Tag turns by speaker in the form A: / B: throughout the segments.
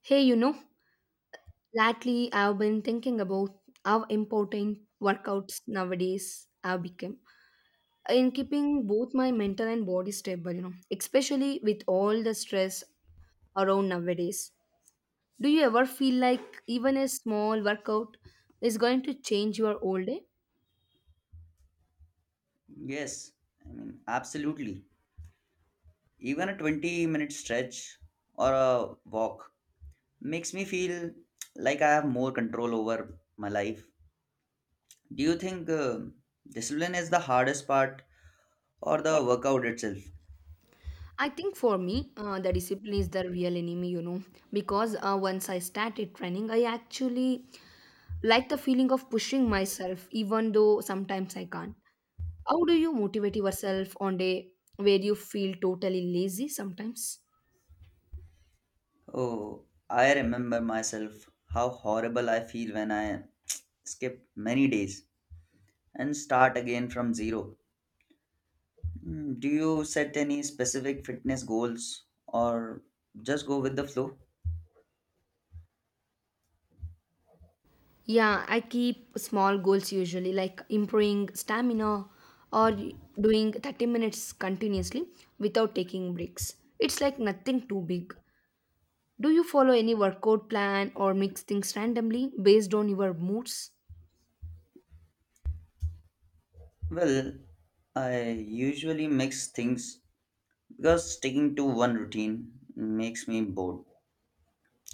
A: Hey, you know, lately I've been thinking about how important workouts nowadays have become in keeping both my mental and body stable, you know, especially with all the stress around nowadays. Do you ever feel like even a small workout is going to change your whole day?
B: Yes, I mean, absolutely. Even a 20-minute stretch or a walk makes me feel like I have more control over my life. Do you think discipline is the hardest part or the workout itself?
A: I think for me, the discipline is the real enemy, you know, because once I started training, I actually like the feeling of pushing myself, even though sometimes I can't. How do you motivate yourself on day where you feel totally lazy sometimes?
B: Oh, I remember myself how horrible I feel when I skip many days and start again from zero. Mm, do you set any specific fitness goals or just go with the flow?
A: Yeah, I keep small goals usually, like improving stamina or doing 30 minutes continuously without taking breaks. It's like nothing too big. Do you follow any workout plan or mix things randomly based on your moods?
B: Well, I usually mix things because sticking to one routine makes me bored.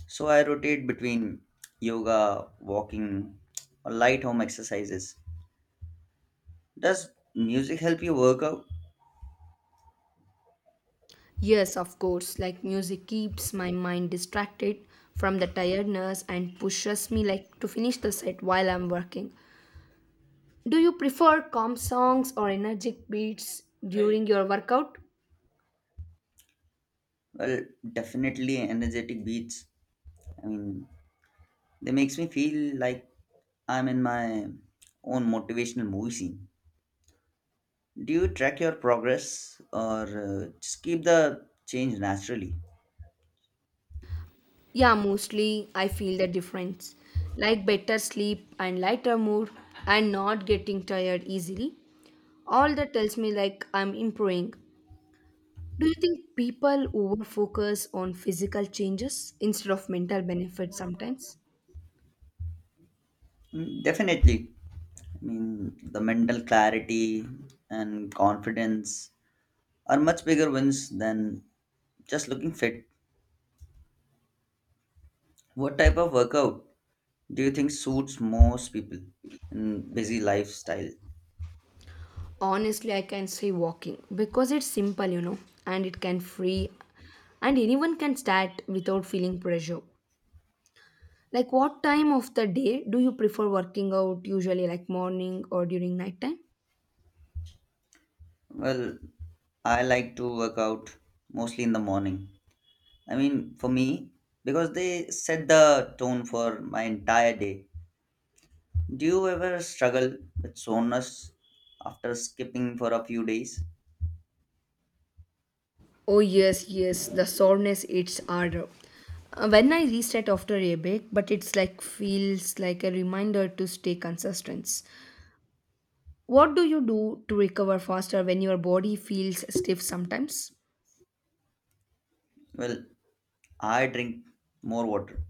B: So I rotate between yoga, walking, or light home exercises. Does music help you work out?
A: Yes, of course. Like music keeps my mind distracted from the tiredness and pushes me like to finish the set while I'm working. Do you prefer calm songs or energetic beats during your workout?
B: Well, definitely energetic beats. I mean, they makes me feel like I'm in my own motivational movie scene. Do you track your progress or just keep the change naturally?
A: Yeah, mostly I feel the difference. Like better sleep and lighter mood and not getting tired easily. All that tells me like I'm improving. Do you think people overfocus on physical changes instead of mental benefits sometimes?
B: Mm, definitely. I mean, the mental clarity and confidence are much bigger wins than just looking fit. What type of workout do you think suits most people in busy lifestyle?
A: Honestly, I can say walking because it's simple, you know, and it can free and anyone can start without feeling pressure. Like what time of the day do you prefer working out usually like morning or during nighttime?
B: Well, I like to work out mostly in the morning. I mean, for me, because they set the tone for my entire day. Do you ever struggle with soreness after skipping for a few days?
A: Oh yes, yes, the soreness it's harder. When I reset after a break, but it's like feels like a reminder to stay consistent. What do you do to recover faster when your body feels stiff sometimes?
B: Well, I drink more water,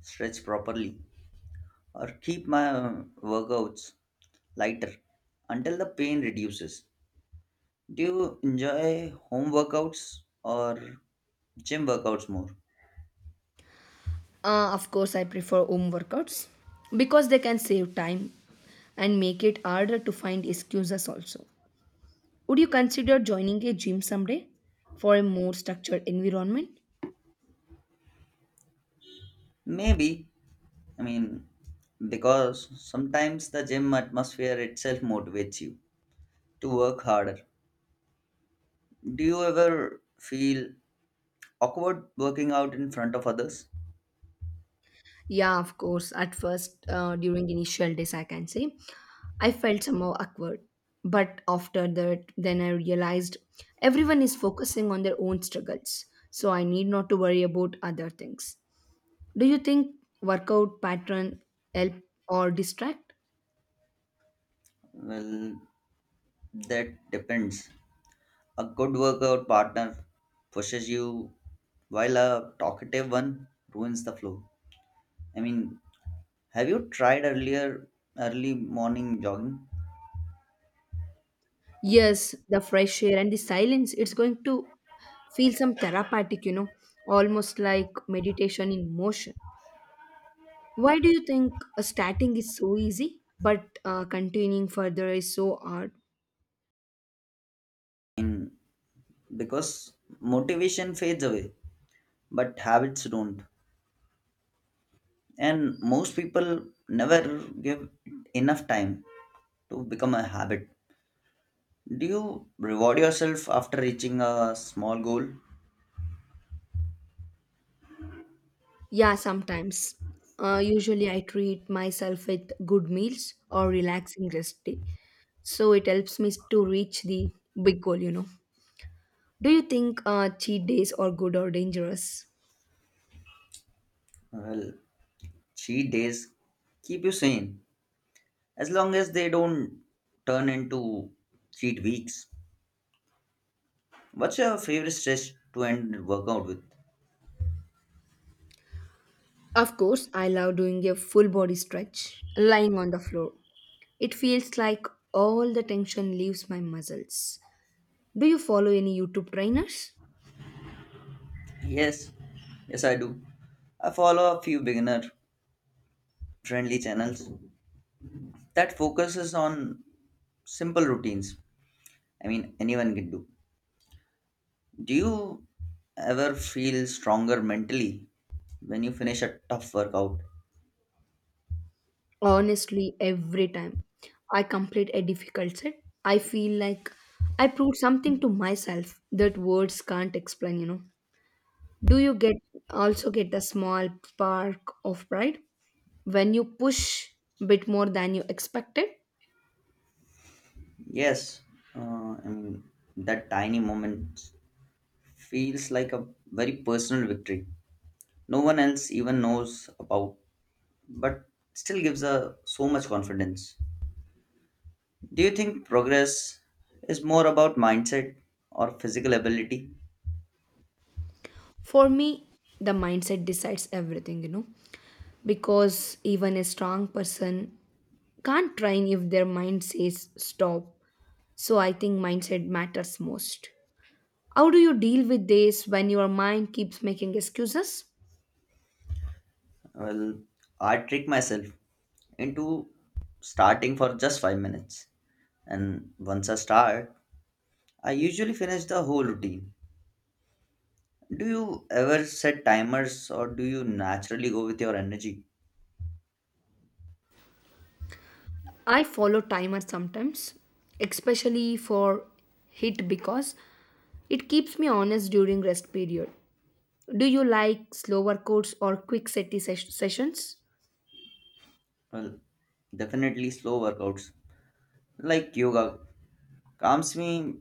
B: stretch properly, or keep my workouts lighter until the pain reduces. Do you enjoy home workouts or gym workouts more?
A: Of course, I prefer home workouts because they can save time and make it harder to find excuses also. Would you consider joining a gym someday for a more structured environment?
B: Maybe. I mean, because sometimes the gym atmosphere itself motivates you to work harder. Do you ever feel awkward working out in front of others?
A: Yeah, of course. At first, during initial days, I can say I felt somehow awkward. But after that, then I realized everyone is focusing on their own struggles. So I need not to worry about other things. Do you think workout pattern help or distract?
B: Well, that depends. A good workout partner pushes you, while a talkative one ruins the flow. I mean, have you tried earlier early morning jogging?
A: Yes, the fresh air and the silence, it's going to feel some therapeutic, you know, almost like meditation in motion. Why do you think starting is so easy, but continuing further is so hard?
B: In because motivation fades away, but habits don't. And most people never give enough time to become a habit. Do you reward yourself after reaching a small goal?
A: Yeah, sometimes. Usually, I treat myself with good meals or relaxing rest day, so it helps me to reach the big goal. You know. Do you think cheat days are good or dangerous?
B: Well, cheat days keep you sane as long as they don't turn into cheat weeks. What's your favorite stretch to end workout with?
A: Of course, I love doing a full body stretch lying on the floor. It feels like all the tension leaves my muscles. Do you follow any YouTube trainers?
B: Yes, yes, I do. I follow a few beginner friendly channels that focuses on simple routines. I mean, anyone can do. Do you ever feel stronger mentally when you finish a tough workout?
A: Honestly, every time I complete a difficult set, I feel like I proved something to myself that words can't explain, you know. Do you get also get a small spark of pride when you push a bit more than you expected?
B: Yes, uh, I mean, that tiny moment feels like a very personal victory. No one else even knows about, but still gives a so much confidence. Do you think progress is more about mindset or physical ability?
A: For me, the mindset decides everything, you know, because even a strong person can't train if their mind says stop. So I think mindset matters most. How do you deal with this when your mind keeps making excuses?
B: Well, I trick myself into starting for just 5 minutes, and once I start, I usually finish the whole routine. Do you ever set timers or do you naturally go with your energy?
A: I follow timer sometimes, especially for hit because it keeps me honest during rest period. Do you like slower codes or quick sessions?
B: Well, definitely slow workouts like yoga calms me.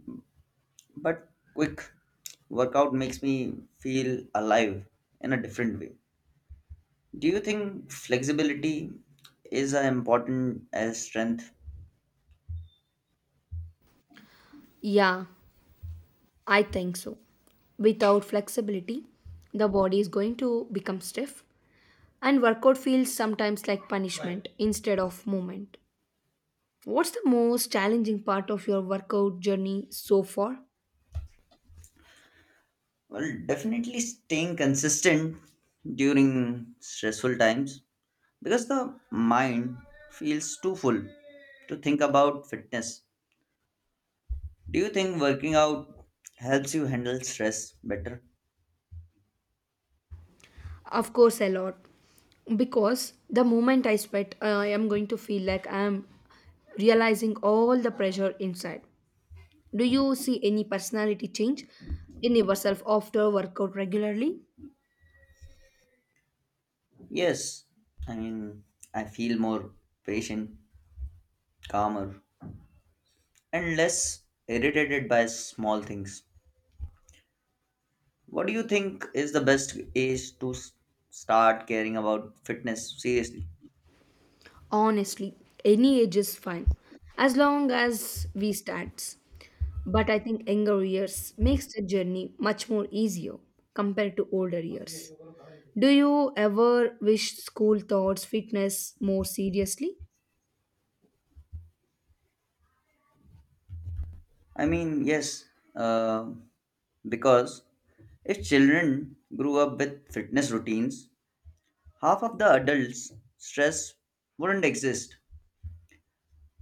B: But quick workout makes me feel alive in a different way. Do you think flexibility is as important as strength?
A: Yeah, I think so. Without flexibility, the body is going to become stiff and workout feels sometimes like punishment instead of movement. What's the most challenging part of your workout journey so far?
B: Well, definitely staying consistent during stressful times because the mind feels too full to think about fitness. Do you think working out helps you handle stress better?
A: Of course, a lot. Because the moment I sweat, I am going to feel like I am realizing all the pressure inside. Do you see any personality change in yourself after workout regularly?
B: Yes, I mean, I feel more patient, calmer, and less irritated by small things. What do you think is the best age to start caring about fitness seriously?
A: Honestly, any age is fine as long as we start. But I think younger years makes the journey much more easier compared to older years. Do you ever wish school thoughts fitness more seriously?
B: I mean, yes, uh, because if children grew up with fitness routines, half of the adults' stress wouldn't exist.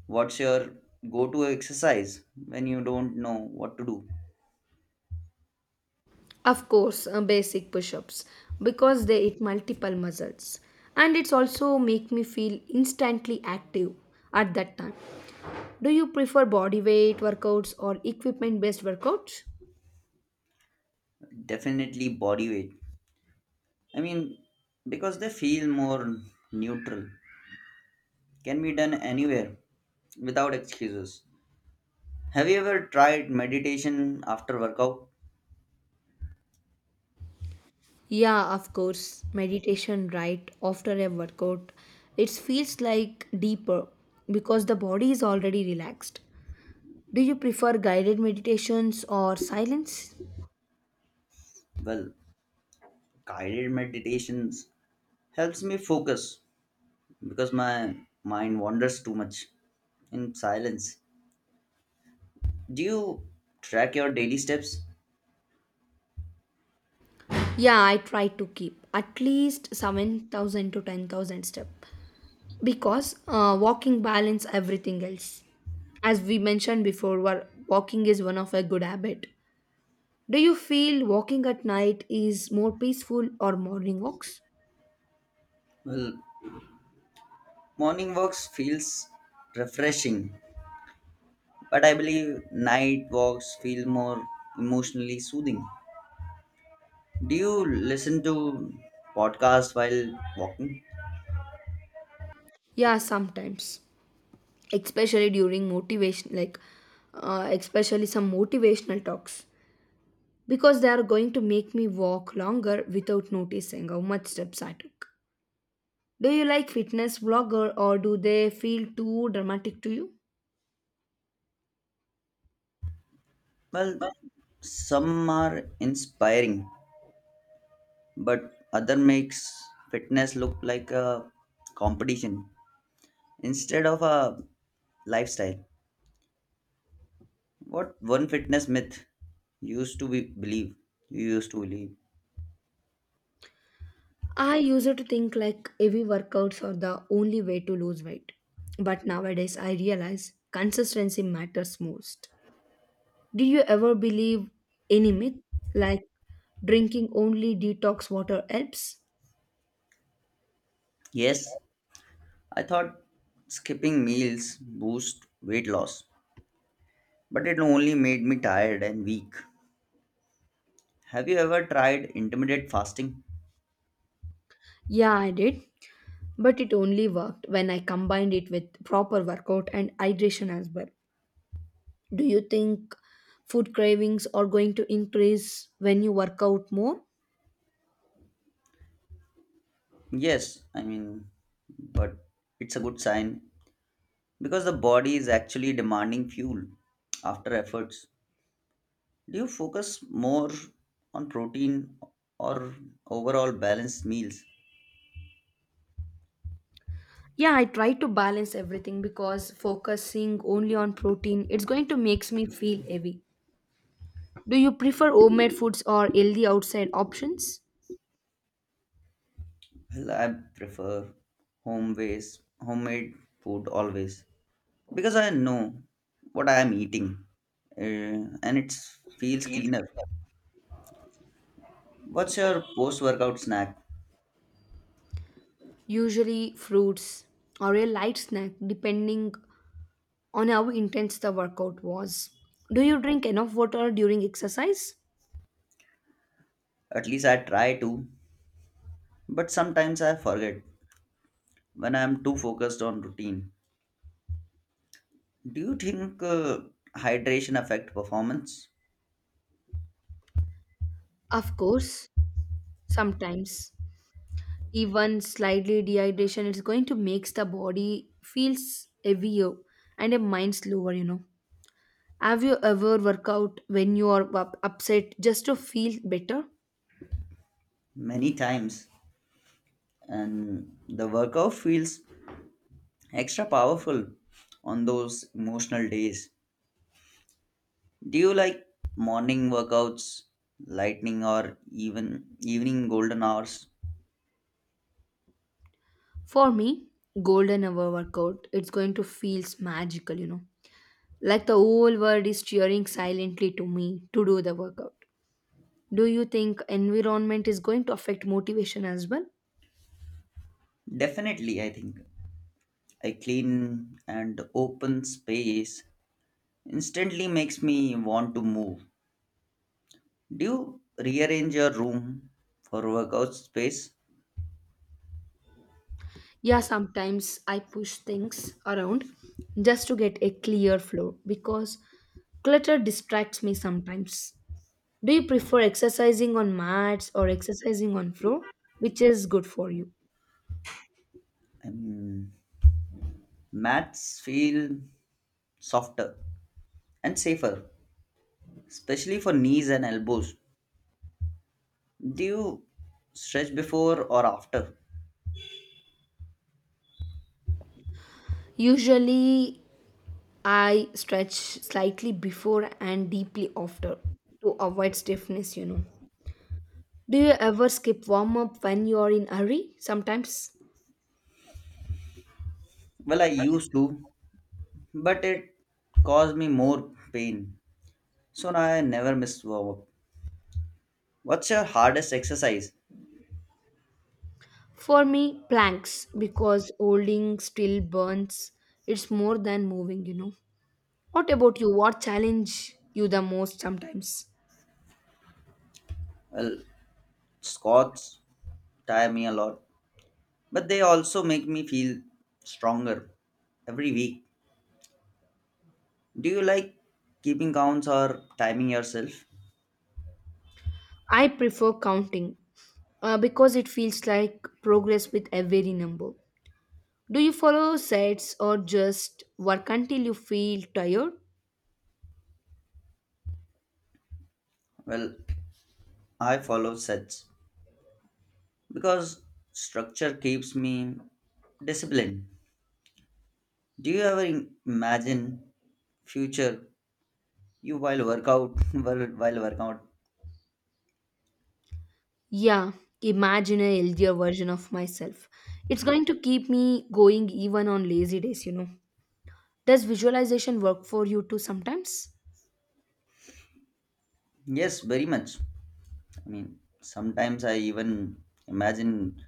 B: What's your go to exercise when you don't know what to do?
A: Of course, basic push-ups because they hit multiple muscles and it's also make me feel instantly active at that time. Do you prefer body weight workouts or equipment based workouts?
B: Definitely body weight. I mean, because they feel more neutral can be done anywhere without excuses. Have you ever tried meditation after workout?
A: Yeah, of course, meditation right after a workout. It feels like deeper because the body is already relaxed. Do you prefer guided meditations or silence?
B: Well, guided meditations helps me focus because my mind wanders too much in silence. Do you track your daily steps?
A: Yeah, I try to keep at least 7,000 to 10,000 steps because walking balance everything else. As we mentioned before, walking is one of a good habit. Do you feel walking at night is more peaceful or morning walks?
B: Well, morning walks feels refreshing, but I believe night walks feel more emotionally soothing. Do you listen to podcasts while walking?
A: Yeah, sometimes, especially during motivation like especially some motivational talks because they are going to make me walk longer without noticing how much steps I took. Do you like fitness vlogger or do they feel too dramatic to you?
B: Well, some are inspiring, but other makes fitness look like a competition instead of a lifestyle. What one fitness myth used to be believe you used to believe?
A: I used to think like heavy workouts are the only way to lose weight. But nowadays I realize consistency matters most. Did you ever believe any myth like drinking only detox water helps?
B: Yes, I thought skipping meals boost weight loss, but it only made me tired and weak. Have you ever tried intermittent fasting?
A: Yeah, I did, but it only worked when I combined it with proper workout and hydration as well. Do you think food cravings are going to increase when you work out more?
B: Yes, I mean, but it's a good sign because the body is actually demanding fuel after efforts. Do you focus more on protein or overall balanced meals?
A: Yeah, I try to balance everything because focusing only on protein it's going to makes me feel heavy. Do you prefer homemade foods or healthy outside options?
B: Well, I prefer homemade food always because I know what I am eating, uh, and it feels cleaner. What's your post workout snack?
A: Usually fruits or a light snack depending on how intense the workout was. Do you drink enough water during exercise?
B: At least I try to, but sometimes I forget when I am too focused on routine. Do you think hydration affect performance?
A: Of course, sometimes even slightly dehydration it's going to makes the body feels heavier and a mind slower, you know. Have you ever work out when you are upset just to feel better?
B: Many times, and the workout feels extra powerful on those emotional days. Do you like morning workouts, lightning, or even evening golden hours?
A: For me, golden hour workout it's going to feels magical, you know, like the whole world is cheering silently to me to do the workout. Do you think environment is going to affect motivation as well?
B: Definitely, I think a clean and open space instantly makes me want to move. Do you rearrange your room for workout space?
A: Yeah, sometimes I push things around just to get a clear flow because clutter distracts me sometimes. Do you prefer exercising on mats or exercising on floor? Which is good for you?
B: Um, Mats feel softer and safer, especially for knees and elbows. Do you stretch before or after?
A: Usually, I stretch slightly before and deeply after to avoid stiffness, you know. Do you ever skip warm up when you are in a hurry? Sometimes.
B: Well, I used to, but it caused me more pain. So now I never miss warm up. What's your hardest exercise?
A: For me, planks, because holding still burns. It's more than moving, you know. What about you? What challenge you the most sometimes?
B: Well, squats tire me a lot, but they also make me feel stronger every week. Do you like keeping counts or timing yourself?
A: I prefer counting because it feels like progress with every number. Do you follow sets or just work until you feel tired?
B: Well, I follow sets because structure keeps me disciplined. Do you ever imagine future you while workout while workout?
A: Yeah, imagine a healthier version of myself. It's going to keep me going even on lazy days, you know. Does visualization work for you too sometimes?
B: Yes, very much. I mean, sometimes I even imagine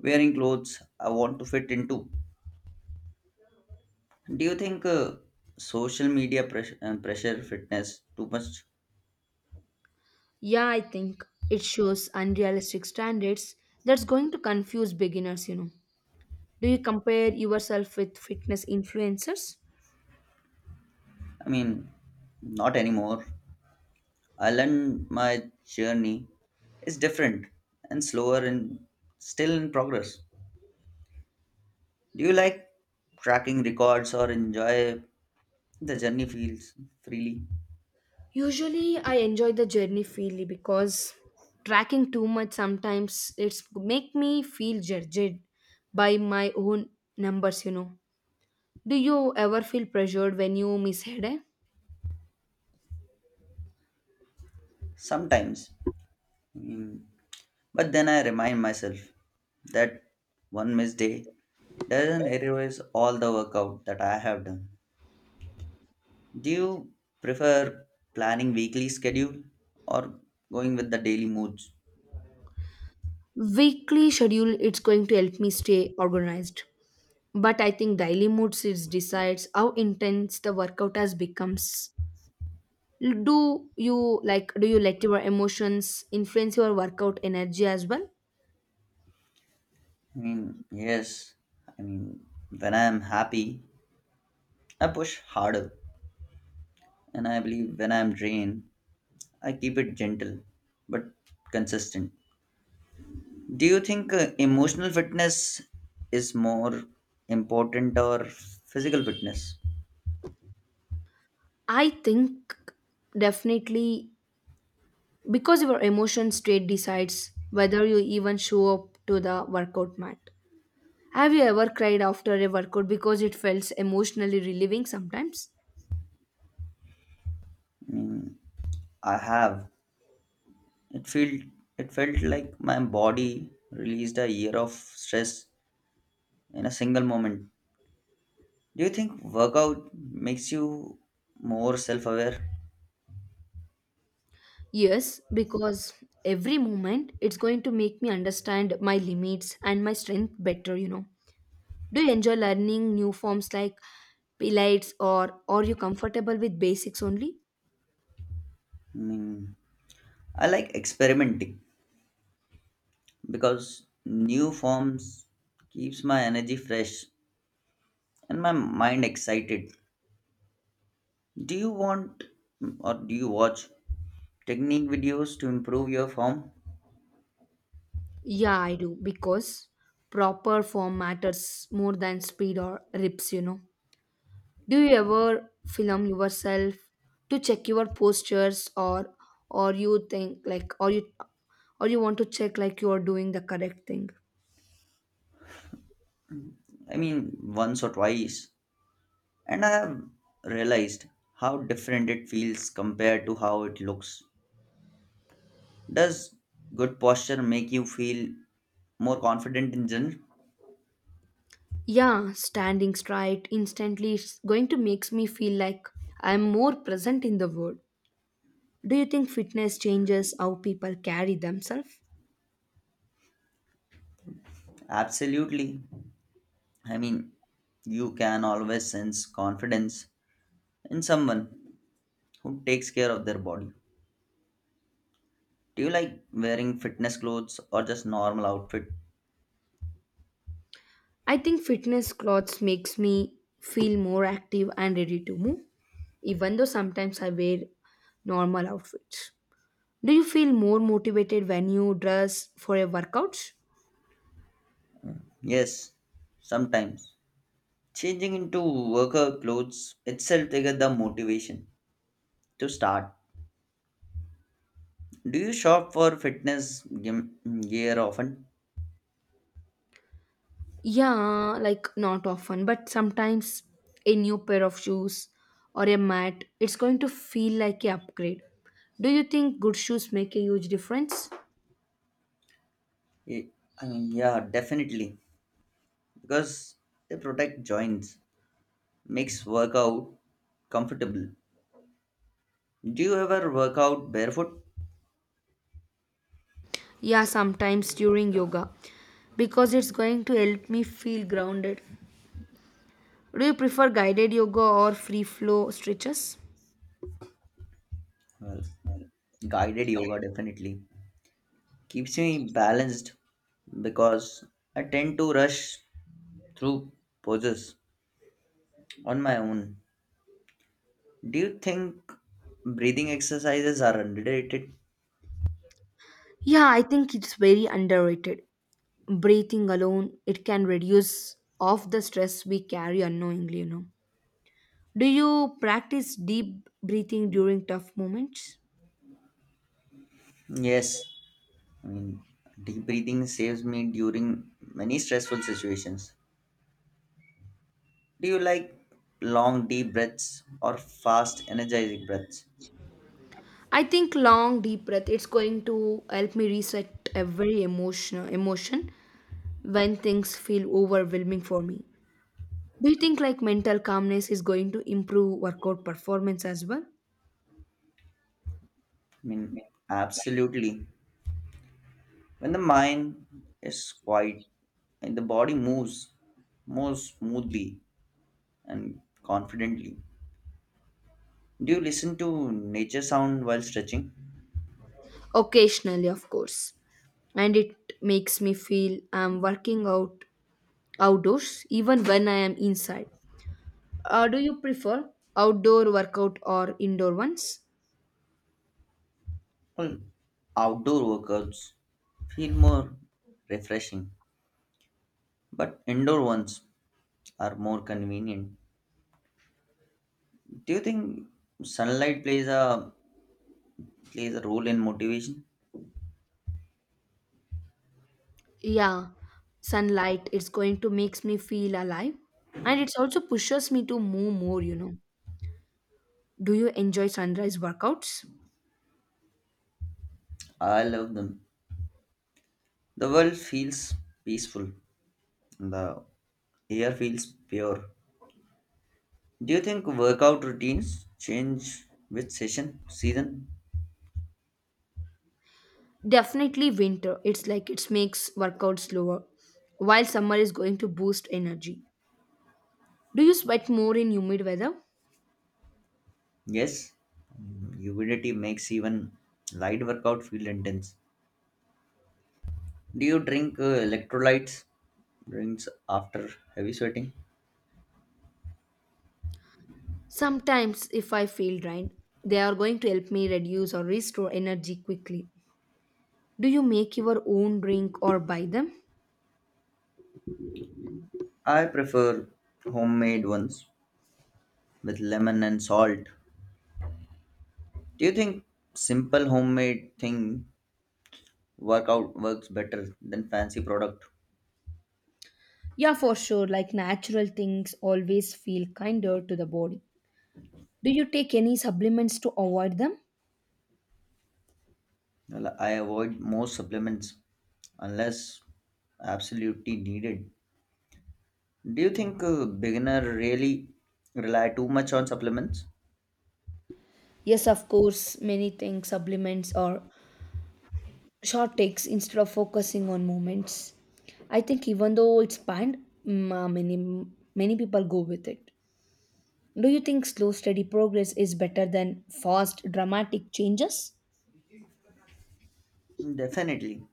B: wearing clothes I want to fit into. Do you think social media pressure fitness too much?
A: Yeah, I think it shows unrealistic standards that's going to confuse beginners, you know. Do you compare yourself with fitness influencers?
B: I mean, not anymore. I learned my journey is different and slower and still in progress. Do you like tracking records or enjoy the journey feels freely?
A: Usually, I enjoy the journey freely because tracking too much sometimes it's make me feel judged by my own numbers, you know. Do you ever feel pressured when you miss a day?
B: Sometimes. Mm. But then I remind myself that one missed day doesn't erase all the workout that I have done. Do you prefer planning weekly schedule or going with the daily moods?
A: Weekly schedule it's going to help me stay organized, but I think daily mood is decides how intense the workout has becomes. Do you like do you let your emotions influence your workout energy as well?
B: I mean, yes. I mean, when I am happy, I push harder, and I believe when I am drained, I keep it gentle but consistent. Do you think emotional fitness is more important or physical fitness?
A: I think definitely because your emotion state decides whether you even show up to the workout mat. Have you ever cried after a workout because it felt emotionally relieving sometimes?
B: Mm, I have. It felt it felt like my body released a year of stress in a single moment. Do you think workout makes you more self-aware?
A: Yes, because every moment it's going to make me understand my limits and my strength better, you know. Do you enjoy learning new forms like pilates or are you comfortable with basics only?
B: Mm, I like experimenting because new forms keeps my energy fresh and my mind excited. Do you want or do you watch technique videos to improve your form.
A: Yeah, I do because proper form matters more than speed or rips, you know. Do you ever film yourself to check your postures or you think like or you want to check like you are doing the correct thing?
B: I mean, once or twice. And I have realized how different it feels compared to how it looks. Does good posture make you feel more confident in general?
A: Yeah, standing straight instantly is going to makes me feel like I'm more present in the world. Do you think fitness changes how people carry themselves?
B: Absolutely. I mean, you can always sense confidence in someone who takes care of their body. Do you like wearing fitness clothes or just normal outfit?
A: I think fitness clothes makes me feel more active and ready to move, even though sometimes I wear normal outfits. Do you feel more motivated when you dress for a workout?
B: Yes, sometimes. Changing into worker clothes itself triggered the motivation to start. Do you shop for fitness gym gear often?
A: Yeah, like not often, but sometimes a new pair of shoes or a mat, it's going to feel like a upgrade. Do you think good shoes make a huge difference?
B: Y- I mean, yeah, definitely. Because they protect joints, makes workout comfortable. Do you ever work out barefoot?
A: Yeah, sometimes during yoga because it's going to help me feel grounded. Do you prefer guided yoga or free flow stretches?
B: Well, guided yoga definitely keeps me balanced because I tend to rush through poses on my own. Do you think breathing exercises are underrated?
A: Yeah, I think it's very underrated. Breathing alone, it can reduce of the stress we carry unknowingly, you know. Do you practice deep breathing during tough moments?
B: Yes, I mean, deep breathing saves me during many stressful situations. Do you like long, deep breaths or fast, energizing breaths?
A: I think long deep breath it's going to help me reset every emotion when things feel overwhelming for me. Do you think like mental calmness is going to improve workout performance as well?
B: I mean, absolutely. When the mind is quiet and the body moves more smoothly and confidently. Do you listen to nature sound while stretching?
A: Occasionally, of course. And it makes me feel I'm working out outdoors even when I am inside. Do you prefer outdoor workout or indoor ones?
B: Well, outdoor workouts feel more refreshing, but indoor ones are more convenient. Do you think sunlight plays a role in motivation?
A: Yeah, sunlight it's going to makes me feel alive and it's also pushes me to move more. Do you enjoy sunrise workouts?
B: I love them. The world feels peaceful and the air feels pure. Do you think workout routines change with session season?
A: Definitely winter. It's like it makes workouts slower, while summer is going to boost energy. Do you sweat more in humid weather?
B: Yes, mm, humidity makes even light workout feel intense. Do you drink electrolytes drinks after heavy sweating?
A: Sometimes, if I feel drained, they are going to help me reduce or restore energy quickly. Do you make your own drink or buy them?
B: I prefer homemade ones with lemon and salt. Do you think simple homemade thing work out works better than fancy product?
A: Yeah, for sure. Like natural things always feel kinder to the body. Do you take any supplements to avoid them?
B: Well, I avoid most supplements unless absolutely needed. Do you think a beginner really rely too much on supplements?
A: Yes, of course, many things, supplements or short takes instead of focusing on moments. I think even though it's banned, mm, uh, many many people go with it. Do you think slow, steady progress is better than fast, dramatic changes?
B: Definitely.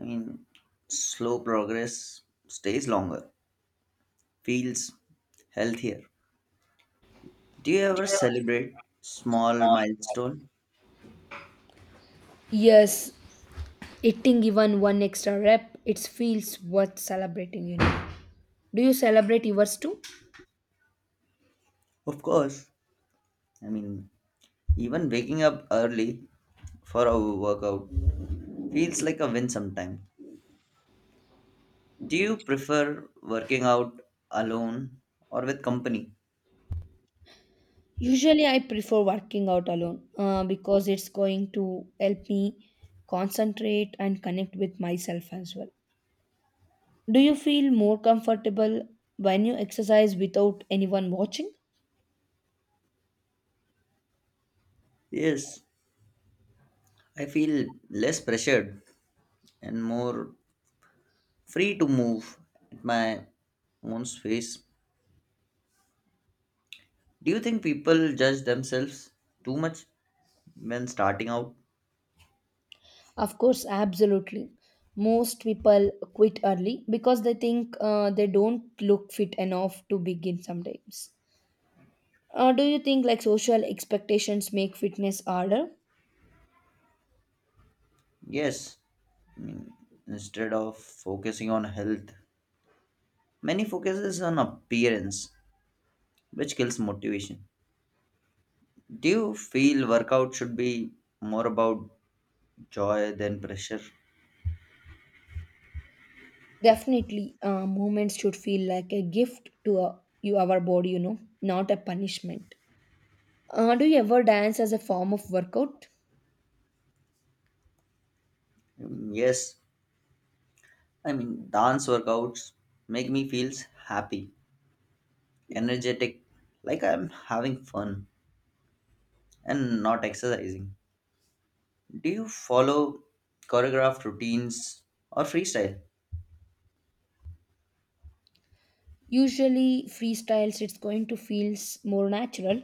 B: I mean, slow progress stays longer, feels healthier. Do you ever celebrate small milestone?
A: Yes, eating even one extra rep, it feels worth celebrating. Do you celebrate yours too?
B: Of course. I mean, even waking up early for a workout feels like a win sometimes. Do you prefer working out alone or with company?
A: Usually, I prefer working out alone because it's going to help me concentrate and connect with myself as well. Do you feel more comfortable when you exercise without anyone watching?
B: Yes, I feel less pressured and more free to move at my own space. Do you think people judge themselves too much when starting out?
A: Of course, absolutely. Most people quit early because they think they don't look fit enough to begin sometimes. Do you think like social expectations make fitness harder?
B: Yes, instead of focusing on health. Many focuses on appearance, which kills motivation. Do you feel workout should be more about joy than pressure?
A: Definitely, movements should feel like a gift to you, our body, not a punishment. Do you ever dance as a form of workout?
B: Mm, yes, I mean, dance workouts make me feels happy, energetic, like I'm having fun and not exercising. Do you follow choreographed routines or freestyle?
A: Usually freestyles. It's going to feel more natural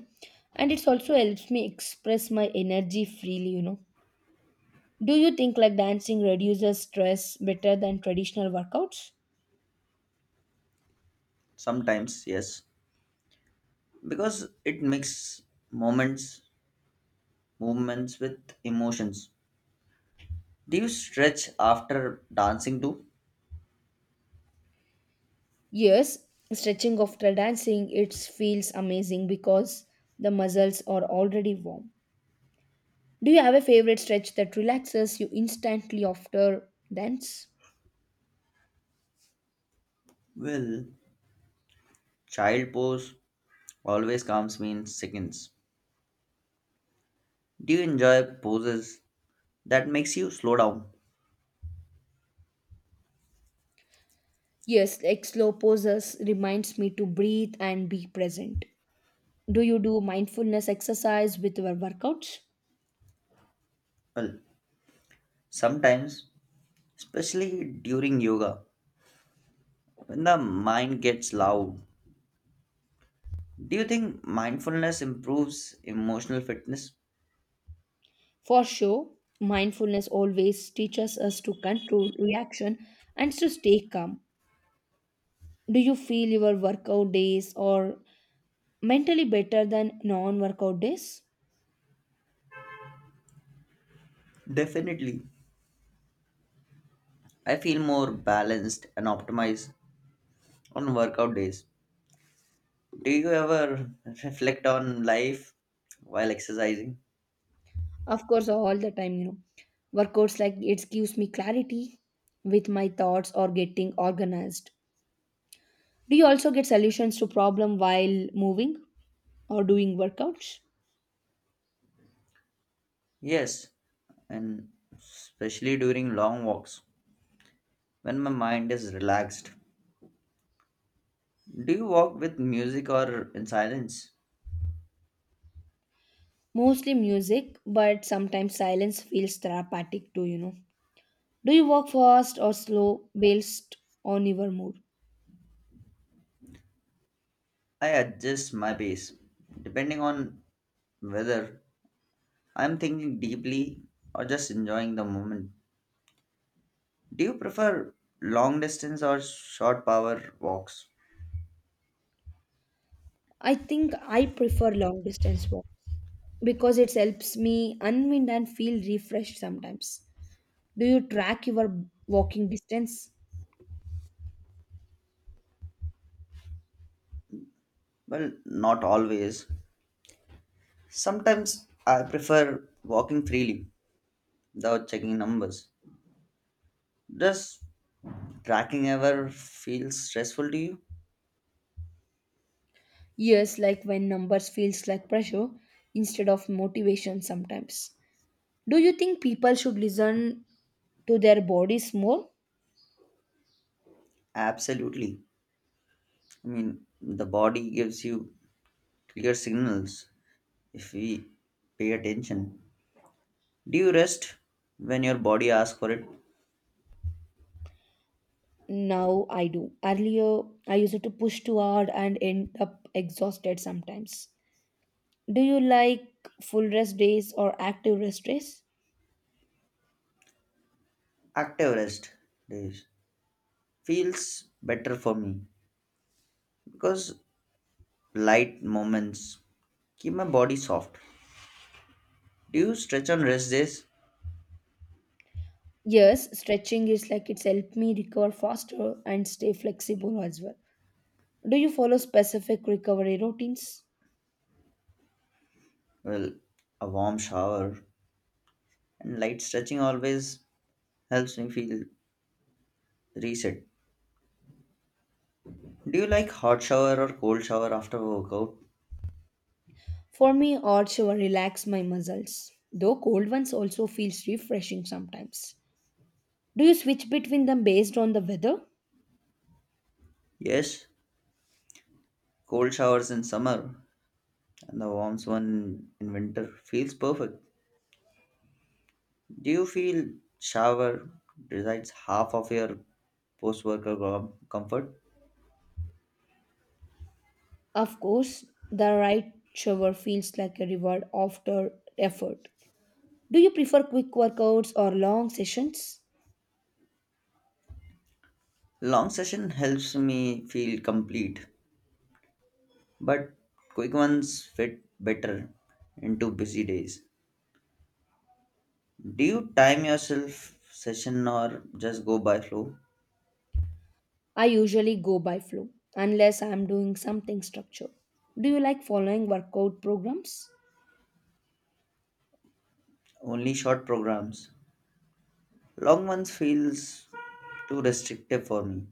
A: and it's also helps me express my energy freely. Do you think like dancing reduces stress better than traditional workouts?
B: Sometimes, yes, because it makes moments movements with emotions. Do you stretch after dancing too?
A: Yes, stretching after dancing it feels amazing because the muscles are already warm. Do you have a favorite stretch that relaxes you instantly after dance?
B: Well, child pose always comes me in seconds. Do you enjoy poses that makes you slow down?
A: Yes, like slow poses reminds me to breathe and be present. Do you do mindfulness exercise with your workouts?
B: Well, sometimes, especially during yoga, when the mind gets loud. Do you think mindfulness improves emotional fitness?
A: For sure, mindfulness always teaches us to control reaction and to stay calm. Do you feel your workout days are mentally better than non workout days?
B: Definitely. I feel more balanced and optimized on workout days. Do you ever reflect on life while exercising?
A: Of course, all the time. Workouts like it gives me clarity with my thoughts or getting organized. Do you also get solutions to problem while moving or doing workouts?
B: Yes, and especially during long walks when my mind is relaxed. Do you walk with music or in silence?
A: Mostly music, but sometimes silence feels therapeutic too. Do you walk fast or slow based on your mood?
B: I adjust my pace depending on whether I'm thinking deeply or just enjoying the moment. Do you prefer long distance or short power walks?
A: I think I prefer long distance walk because it helps me unwind and feel refreshed sometimes. Do you track your walking distance?
B: Well, not always. Sometimes I prefer walking freely without checking numbers. Does tracking ever feel stressful to you?
A: Yes, like when numbers feels like pressure instead of motivation sometimes. Do you think people should listen to their bodies more?
B: Absolutely. I mean, the body gives you clear signals if we pay attention. Do you rest when your body asks for it?
A: Now I do. Earlier, I used to push too hard and end up exhausted sometimes. Do you like full rest days or active rest days?
B: Active rest days feels better for me because light moments keep my body soft. Do you stretch on rest days?
A: Yes, stretching is like it's helped me recover faster and stay flexible as well. Do you follow specific recovery routines?
B: Well, a warm shower and light stretching always helps me feel reset. Do you like hot shower or cold shower after a workout?
A: For me, hot shower relax my muscles, though cold ones also feels refreshing sometimes. Do you switch between them based on the weather?
B: Yes, cold showers in summer and the warm one in winter feels perfect. Do you feel shower decides half of your post workout comfort?
A: Of course, the right shower feels like a reward after effort. Do you prefer quick workouts or long sessions?
B: Long session helps me feel complete, but quick ones fit better into busy days. Do you time yourself session or just go by flow?
A: I usually go by flow, unless I'm doing something structured. Do you like following workout programs?
B: Only short programs. Long ones feels too restrictive for me.